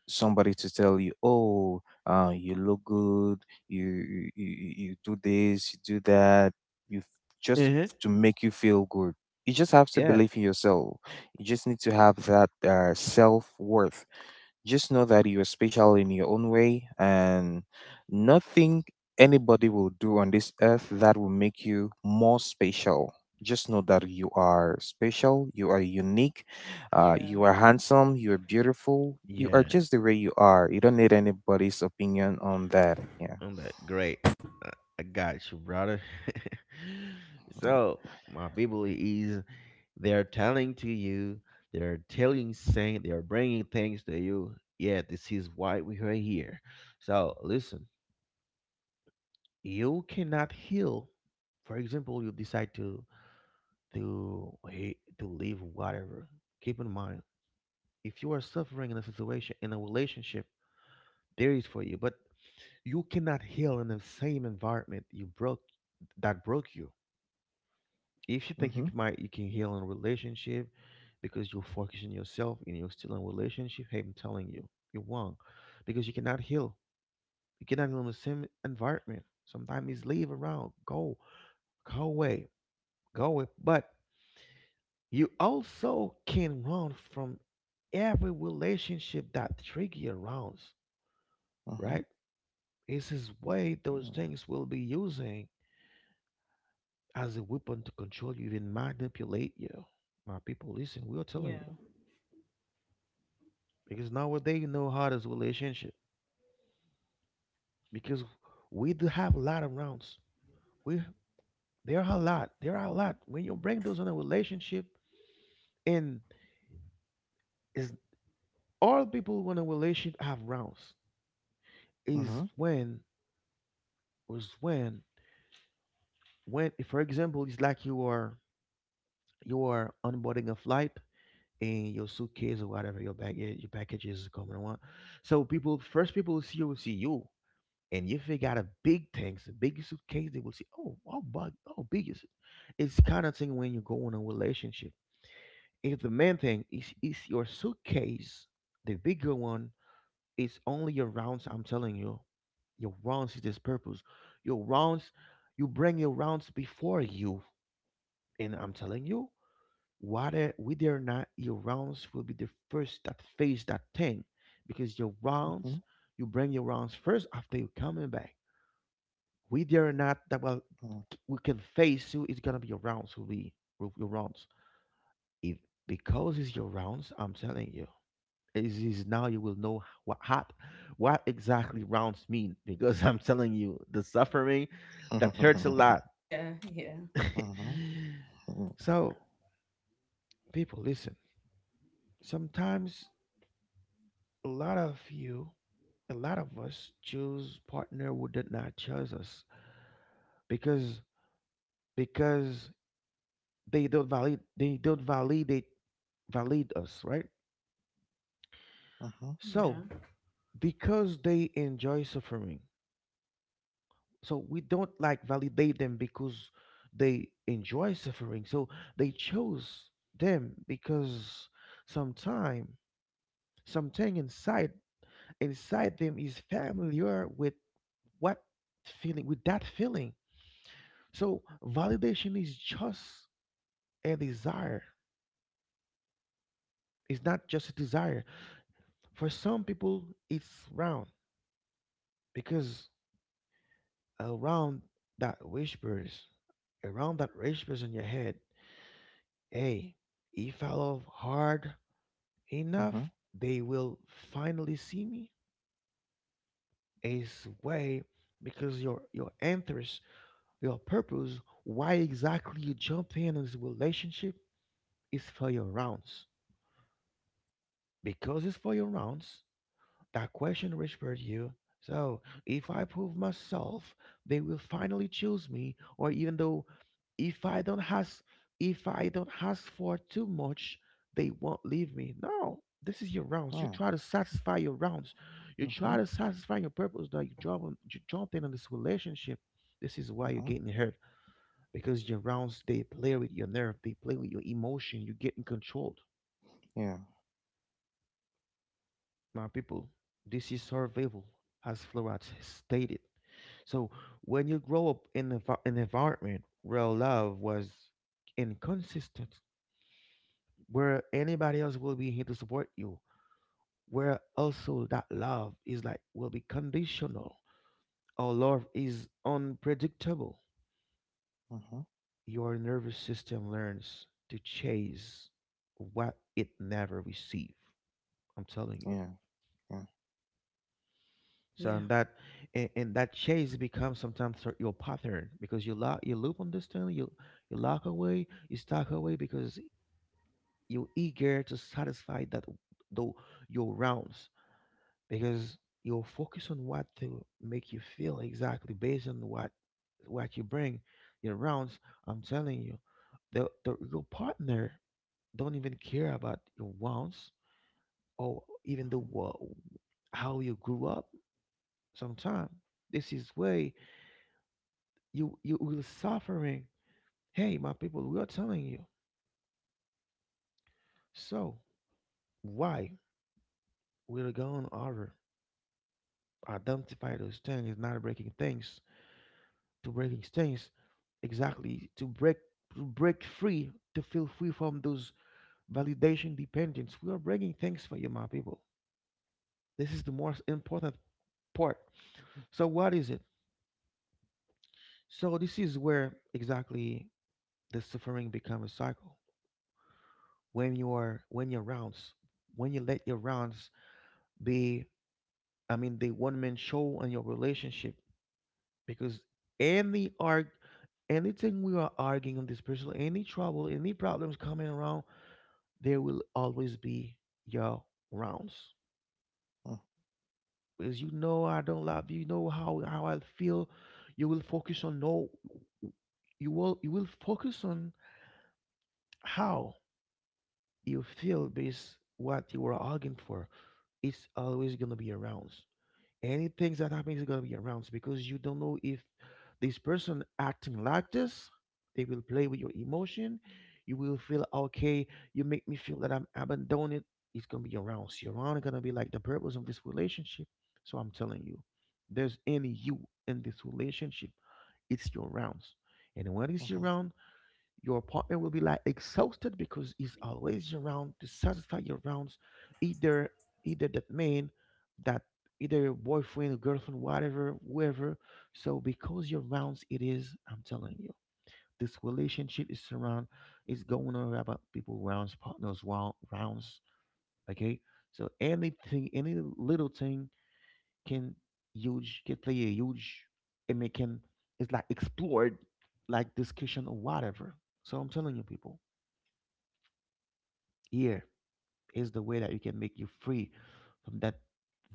C: somebody to tell you, "Oh, you look good. You do this, you do that." You just
A: Mhm.
C: to make you feel good. You just have to
A: Yeah.
C: believe in yourself. You just need to have that self worth. Just know that you're special in your own way, and nothing anybody will do on this earth that will make you more special. Just know that you are special, you are unique,
B: Yeah.
C: you are handsome, you are beautiful, you are
A: Yeah.
C: just the way you are. You don't need anybody's opinion on that. Yeah.
A: I'm that great. Uh, I got you, brother. So my people is, they are telling to you, they are telling, saying, they are bringing things to you. Yeah, this is why we are here. So listen, you cannot heal. For example, you decide to leave whatever. Keep in mind, if you are suffering in a situation in a relationship, there is for you. But you cannot heal in the same environment you broke that broke you. If you think you
C: Mhm.
A: can, might you can heal in a relationship because you focus on yourself and you're still in a relationship, hey, I'm telling you, you're wrong. Because you cannot heal. You cannot heal in the same environment. Sometimes it's leave around, go, go away, go away. But you also can run from every relationship that trigger around, right?
C: Mhm.
A: This is way those
C: Mm.
A: things will be using as a weapon to control you, even manipulate you. My people, listen, we are telling
B: Yeah.
A: you. Because nowadays you know how this relationship. Because we do have a lot of rounds. We, there are a lot. There are a lot. When you bring those on a relationship, and is all people when a relationship have rounds is
C: Mhm.
A: when was when if for example it's like you are onboarding a flight and your suitcase or whatever your baggage your package is coming on. So people first people see you will see you. And if they got a big tanks, a big suitcase, they will say, "Oh, how big? How big is it?" It's kind of thing when you go in a relationship. If the main thing is your suitcase, the bigger one is only your rounds. I'm telling you, your rounds is this purpose. Your rounds, you bring your rounds before you, and I'm telling you, whether or not your rounds will be the first that face that thing, because your rounds,
C: Mhm.
A: you bring your rounds first after you coming back, we dare not that well,
C: Mm.
A: we can face who is gonna be your rounds, who be who your rounds if because it's your rounds, I'm telling you, is now you will know what hot, what exactly rounds mean. Because I'm telling you the suffering that hurts a lot.
B: Yeah, yeah,
C: Mhm. Mm.
A: So people listen, sometimes a lot of you a lot of us choose partner who did not choose us because because they don't validate valid us, right?
C: Mhm.
A: So
B: yeah,
A: because they enjoy suffering, so we don't like validate them because they enjoy suffering, so they chose them because sometime something inside them is familiar with what feeling with that feeling. So validation is just a desire. It's not just a desire for some people, it's round. Because around that whispers, around that whispers in your head, hey, if I love hard enough,
C: Mhm.
A: they will finally see me. Is way because your interest, your purpose, why exactly you jump in this relationship is for your rounds. Because it's for your rounds, that question whispered you. So, if I prove myself, they will finally choose me. Or even though, if I don't ask, if I don't ask for too much, they won't leave me. No, this is your rounds. You
C: Yeah.
A: try to satisfy your rounds. You try
C: Mhm.
A: to satisfy your purpose that you jump in on this relationship. This is why you're
C: Mhm.
A: getting hurt because your rounds they play with your nerve, they play with your emotion. You get in control.
C: Yeah.
A: My people. This is survival, as Florat stated. So when you grow up in an environment where love was inconsistent, where anybody else will be here to support you, where also that love is like will be conditional or love is unpredictable,
C: Mhm.
A: your nervous system learns to chase what it never received. I'm telling you.
C: Yeah. Yeah.
A: So
B: yeah,
A: and that and that chase becomes sometimes your pattern because you loop on this thing, you lock away, you stuck away because you're eager to satisfy that though your rounds because you're focused on what to make you feel exactly based on what you bring your rounds. I'm telling you, the your partner don't even care about your rounds or even
C: Mhm.
A: how you grew up. Sometimes this is way. You will suffering. Hey, my people, we are telling you. So why we're going over identify those things, is not breaking things exactly to break free to feel free from those validation dependence. We are breaking things for you, my people. This is the most important part. So what is it? So this is where exactly the suffering becomes a cycle. When you are when your rounds, when you let your rounds be, I mean, the one man show and your relationship because any arg, anything we are arguing on this person, any trouble, any problems coming around, there will always be your rounds. Because you know I don't love you, you know how I feel. You will focus on no, you will focus on how you feel based what you are arguing for. It's always gonna be around. Anything that happens is gonna be around so because you don't know if this person acting like this, they will play with your emotion. You will feel okay. You make me feel that I'm abandoned. It's gonna be around. So around is gonna be like the purpose of this relationship. So I'm telling you, there's any you in this relationship. It's your rounds, and when it's your
C: Mhm.
A: round, your partner will be like exhausted because he's always around to satisfy your rounds. Either either that man, that, either your boyfriend, or girlfriend, whatever, whoever. So because your rounds it is, I'm telling you, this relationship is around is going on about people rounds, partners rounds. Okay. So anything, any little thing can huge can play a huge, and it can, it's like explored like discussion or whatever. So I'm telling you people. Here is the way that you can make you free from that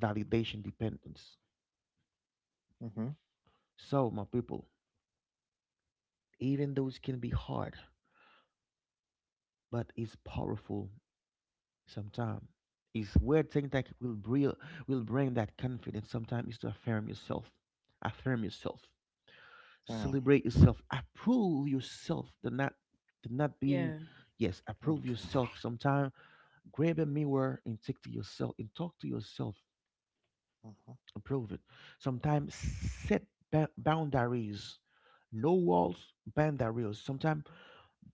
A: validation dependence.
C: Mhm.
A: So, my people, even those can be hard, but it's powerful sometimes. It's weird thing that will will bring that confidence. Sometimes is to affirm yourself. Affirm yourself.
C: Yeah.
A: Celebrate yourself. Approve yourself. The not being
B: yeah,
A: yes,
C: Yeah.
A: approve
C: Yeah.
A: yourself. Sometimes grab a mirror and take to yourself and talk to yourself.
C: Uh
A: Prove it. Sometimes set boundaries. No walls, boundaries. Sometimes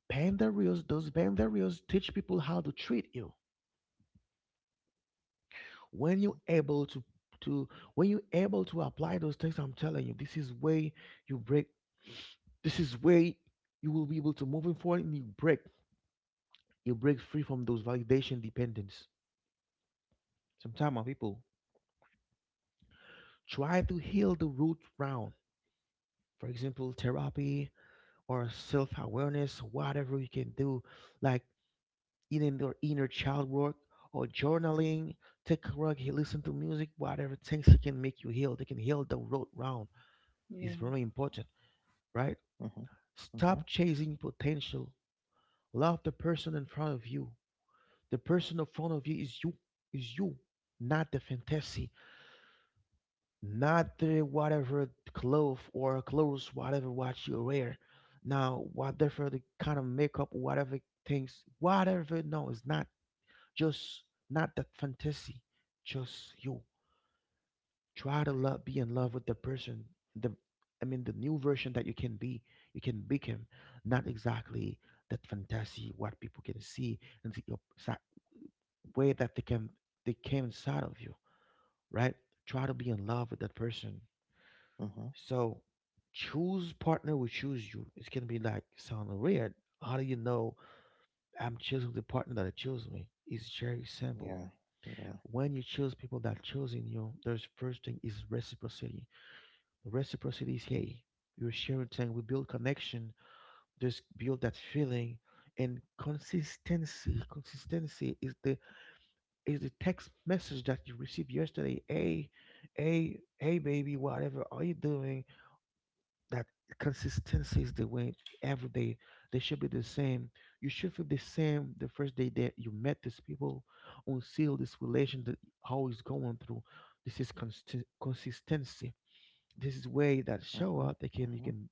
A: boundaries, those boundaries teach people how to treat you. When you're able to when you're able to apply those things, I'm telling you, this is way you break this is where you will be able to move forward and you break free from those validation dependence. Sometimes people try to heal the root round, for example therapy or self-awareness whatever you can do, like even your inner child work or journaling, take a walk, listen to music, whatever things that can make you heal they can heal the road round. It's
B: yeah,
A: very important, right?
C: Uh huh. huh. Uh huh.
A: Stop chasing potential. Love the person in front of you. The person in front of you is you, is you, not the fantasy, not the whatever clothes, whatever what you wear. Now, whatever the kind of makeup, whatever things, whatever. No, it's not just, not that fantasy. Just you try to love, be in love with the person. The, I mean, the new version that you can be, you can become. Not exactly that fantasy what people can see and way that they can they came inside of you, right? Try to be in love with that person.
C: Uh huh.
A: So choose partner will choose you. It's gonna be like sound weird. How do you know I'm choosing the partner that chose me? It's very simple.
C: Yeah, yeah,
A: When you choose people that choosing you, there's first thing is reciprocity. Reciprocity is hey, you're sharing thing. We build connection. Just build that feeling and consistency. Consistency is the text message that you received yesterday. Hey, baby, whatever are you doing? That consistency is the way every day they should be the same, you should feel the same the first day that you met these people until this relation that how it's going through. This is consistency. This is way that
C: Uh
A: show
C: huh.
A: up they can
C: Uh
A: you
C: huh.
A: can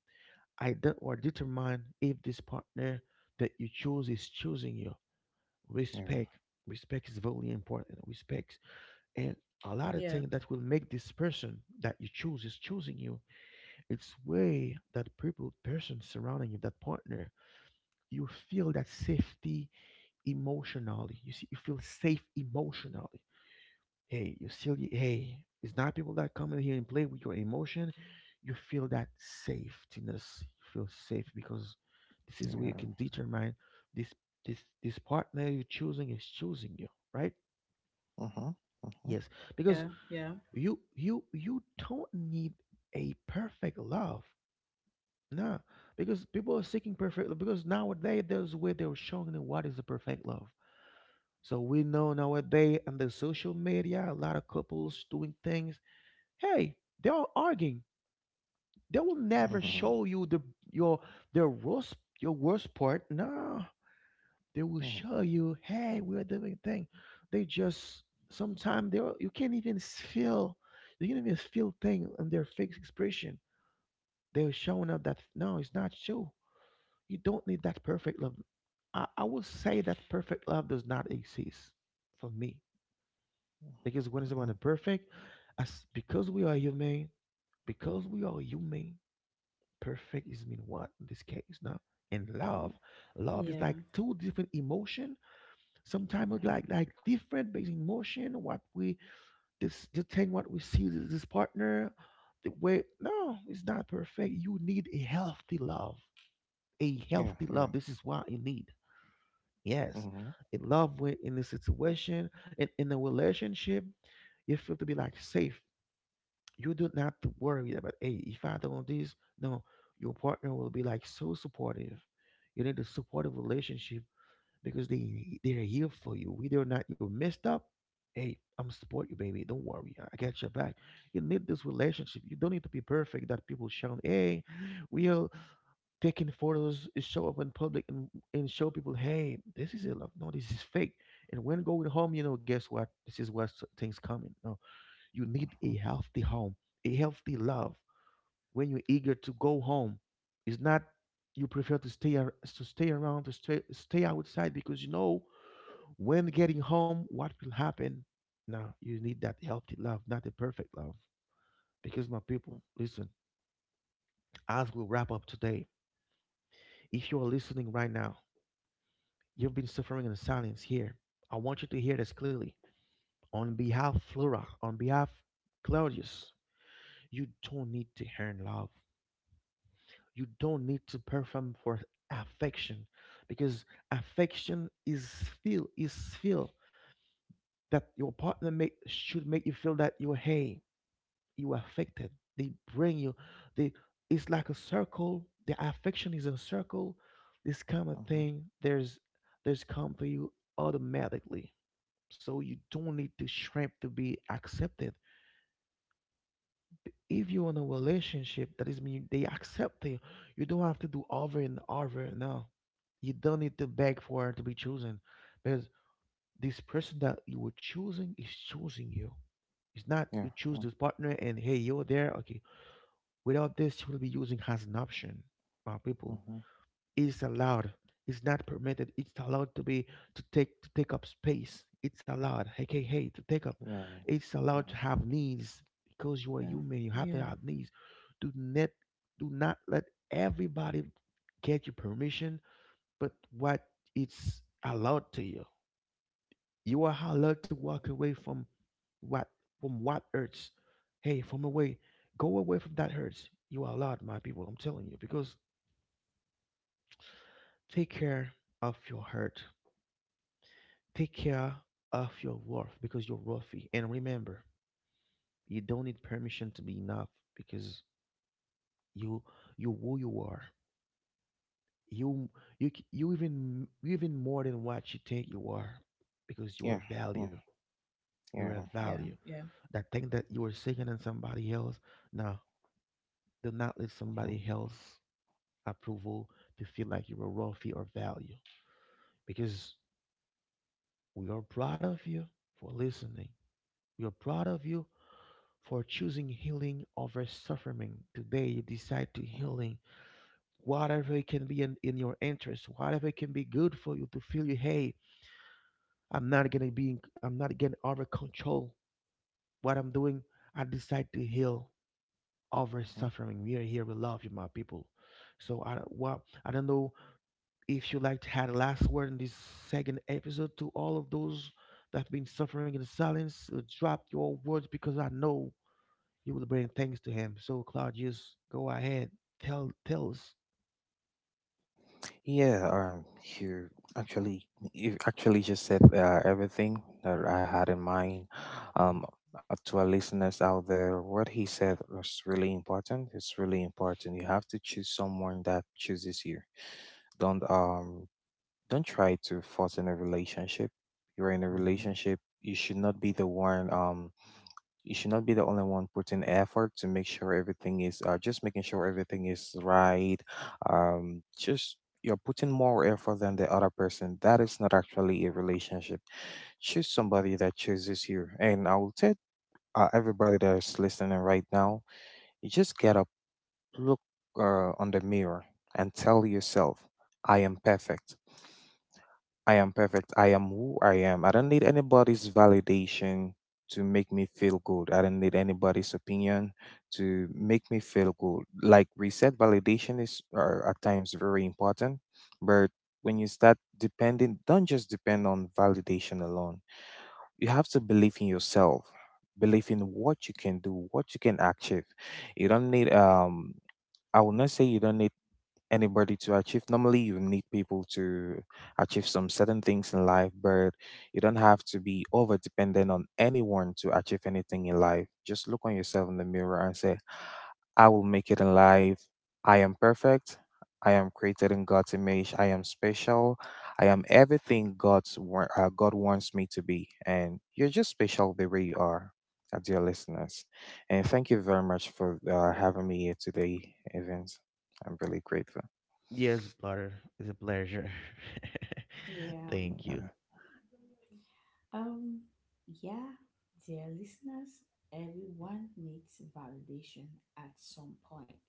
A: or determine if this partner that you choose is choosing you.
C: yeah,
A: Respect, respect is very important, respect. And a lot of things that will make this person that you choose is choosing you, it's way that people, person surrounding you, that partner, you feel that safety emotionally. You see, you feel safe emotionally. Hey, you feel, hey, it's not people that come in here and play with your emotion. You feel that safetiness. You feel safe because this is where you
C: yeah,
A: can determine this this partner you're choosing is choosing you, right?
C: Uh huh.
A: Yes, because
B: yeah, yeah, yeah,
A: you don't need a perfect love. No, because people are seeking perfect love. Because nowadays there's where they're showing them what is a perfect love. So we know nowadays on the social media, a lot of couples doing things. Hey, they are arguing. They will never
C: huh. Uh huh.
A: show you the your their worst your worst part. No, they will
C: Yeah.
A: show you. Hey, we're doing thing. They just sometimes you can't even s- feel you can't even feel thing on their fake expression. They're showing up that no, it's not true. You don't need that perfect love. I would say that perfect love does not exist for me, because when someone is
C: Uh
A: perfect, as because we are human, because we are human, perfect is mean what in this case now. And love, love
B: yeah,
A: is
B: yeah,
A: like two different emotion. Sometimes it's
C: huh.
A: like different based emotion. What we this the thing what we see this partner, the way no, it's not perfect. You need a healthy love, a
C: yeah,
A: healthy love.
C: yeah,
A: This is what you need. Yes.
C: Uh
A: In love with in the situation, in a relationship, you feel to be like safe. You do not to worry about, hey, if I don't this, no, your partner will be like so supportive. You need a supportive relationship because they're here for you. Whether or not you're messed up, hey, I'm support you, baby. Don't worry, I got your back. You need this relationship. You don't need to be perfect. That people shout, hey, we are taking photos is show up in public and show people, hey, this is it, like, no, this is fake. And when going home, guess what, this is what things coming. No, you need a
C: huh.
A: healthy home, a healthy love. When you're eager to go home, it's not you prefer to to stay around, to stay outside, because you know when getting home what will happen. Now you need that healthy love, not the perfect love. Because my people,
C: huh.
A: listen, as we wrap up today, if you're listening right now, you've been suffering in silence here. I want you to hear this clearly. On behalf of Flora, on behalf of Claudius, you don't need to earn love. You don't need to perform for affection, because affection is feel is feel that your partner make should make you feel that you're, hey, you are affected. They bring you, they, it's like a circle. The affection is a circle. This kind of
C: Uh huh.
A: thing, there's come to you automatically. So you don't need to shrink to be accepted. If you're in a relationship, that is mean they accept you. You don't have to do over and over. No, you don't need to beg for it to be chosen, because this person that you were choosing is choosing you. It's not you
C: Yeah.
A: choose this partner and hey, you're there. Okay, without this, you will be using as an option, my people.
C: Uh huh.
A: Is allowed. It's not permitted. It's allowed to be, to take up space. It's allowed. Hey, hey, hey, to take up.
C: yeah,
A: It's allowed to
C: yeah,
A: have needs because you are human. You have
B: yeah,
A: to have needs. Do not do not let everybody get your permission, but what, it's allowed to you. You are allowed to walk away from what, from what hurts. Hey, from away, go away from that hurts. You are allowed, my people. I'm telling you, because take care of your hurt. Take care of your worth because you're worthy. And remember, you don't need permission to be enough because you you who you are. You you you even more than what you think you are because you are
C: yeah,
A: value.
C: mm-hmm.
A: You are
C: Yeah.
B: yeah,
A: value.
B: yeah,
A: That thing that you are seeking in somebody else. Now, do not let
C: Uh huh.
A: somebody else approval to feel like you are worthy or value, because we are proud of you for listening. We are proud of you for choosing healing over suffering. Today, you decide to
C: Uh huh. Uh
A: healing, whatever it can be in your interest, whatever it can be good for you to feel you, hey, I'm not gonna be, I'm not getting over control. What I'm doing, I decide to heal over
C: huh.
A: suffering. We are here, we love you, my people. So I, well, I don't know if you like to had a last word in this second episode to all of those that have been suffering in silence. Drop your words because I know you will bring things to him. So Claudius, go ahead. Tell us.
C: Yeah, you actually you actually just said everything that I had in mind.
A: Hmm.
C: Um, to our listeners out there, what he said was really important. It's really important. You have to choose someone that chooses you. Don't um don't try to force in a relationship. You're in a
A: Hmm.
C: relationship. You should not be the one you should not be the only one putting effort to make sure everything is just making sure everything is right. Just you're putting more effort than the other person, that is not actually a relationship. Choose somebody that chooses you, and I will tell everybody that's listening right now, you just get up, look on the mirror and tell yourself, I am perfect. I am perfect. I am who I am. I don't need anybody's validation to make me feel good. I don't need anybody's opinion to make me feel good. Like we said, validation is at times very important, but when you start depending, don't just depend on validation alone. You have to believe in yourself, believe in what you can do, what you can achieve. You don't need I will not say you don't need anybody to achieve. Normally, you need people to achieve some certain things in life, but you don't have to be over dependent on anyone to achieve anything in life. Just look on yourself in the mirror and say, I will make it in life. I am perfect. I am created in God's image. I am special. I am everything God wants me to be. And you're just special the way you are, dear listeners. And thank you very much for having me here today, Evans. I'm really grateful.
A: Yes, brother. It's a pleasure.
B: yeah.
A: Thank you.
C: Yeah.
B: Um, yeah, dear listeners, everyone needs validation at some point,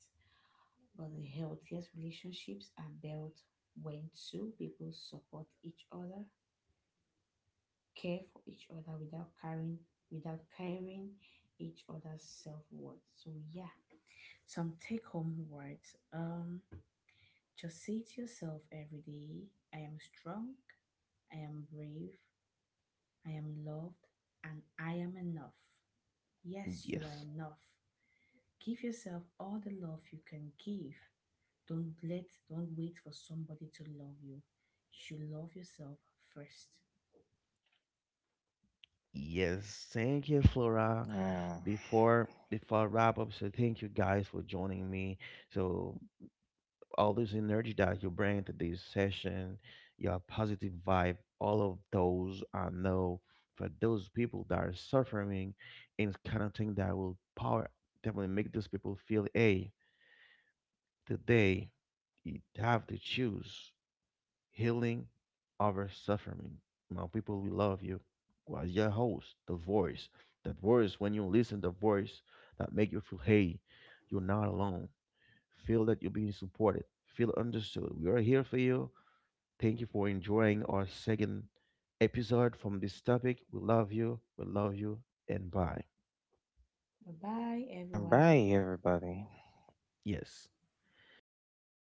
B: but the healthiest relationships are built when two people support each other, care for each other without carrying, without carrying each other's self worth. So yeah, some take home words. Just say to yourself every day, I am strong, I am brave, I am loved, and I am enough. Yes, you are
A: Yes.
B: enough. Give yourself all the love you can give. Don't let, don't wait for somebody to love you. You should love yourself first.
A: Yes. Thank you, Flora.
C: Yeah.
A: Before I wrap up, so thank you guys for joining me. So all this energy that you bring to this session, your positive vibe, all of those, I know for those people that are suffering and kind of thing that will power definitely make those people feel, hey, today you have to choose healing over suffering. Now people, we love you. Was your host, the voice. That voice when you listen the voice that make you feel, hey, you're not alone. Feel that you're being supported. Feel understood. We are here for you. Thank you for enjoying our second episode from this topic. We love you. We love you. And bye.
B: Bye bye,
C: Yeah.
B: everyone.
C: Bye, everybody.
A: Yes.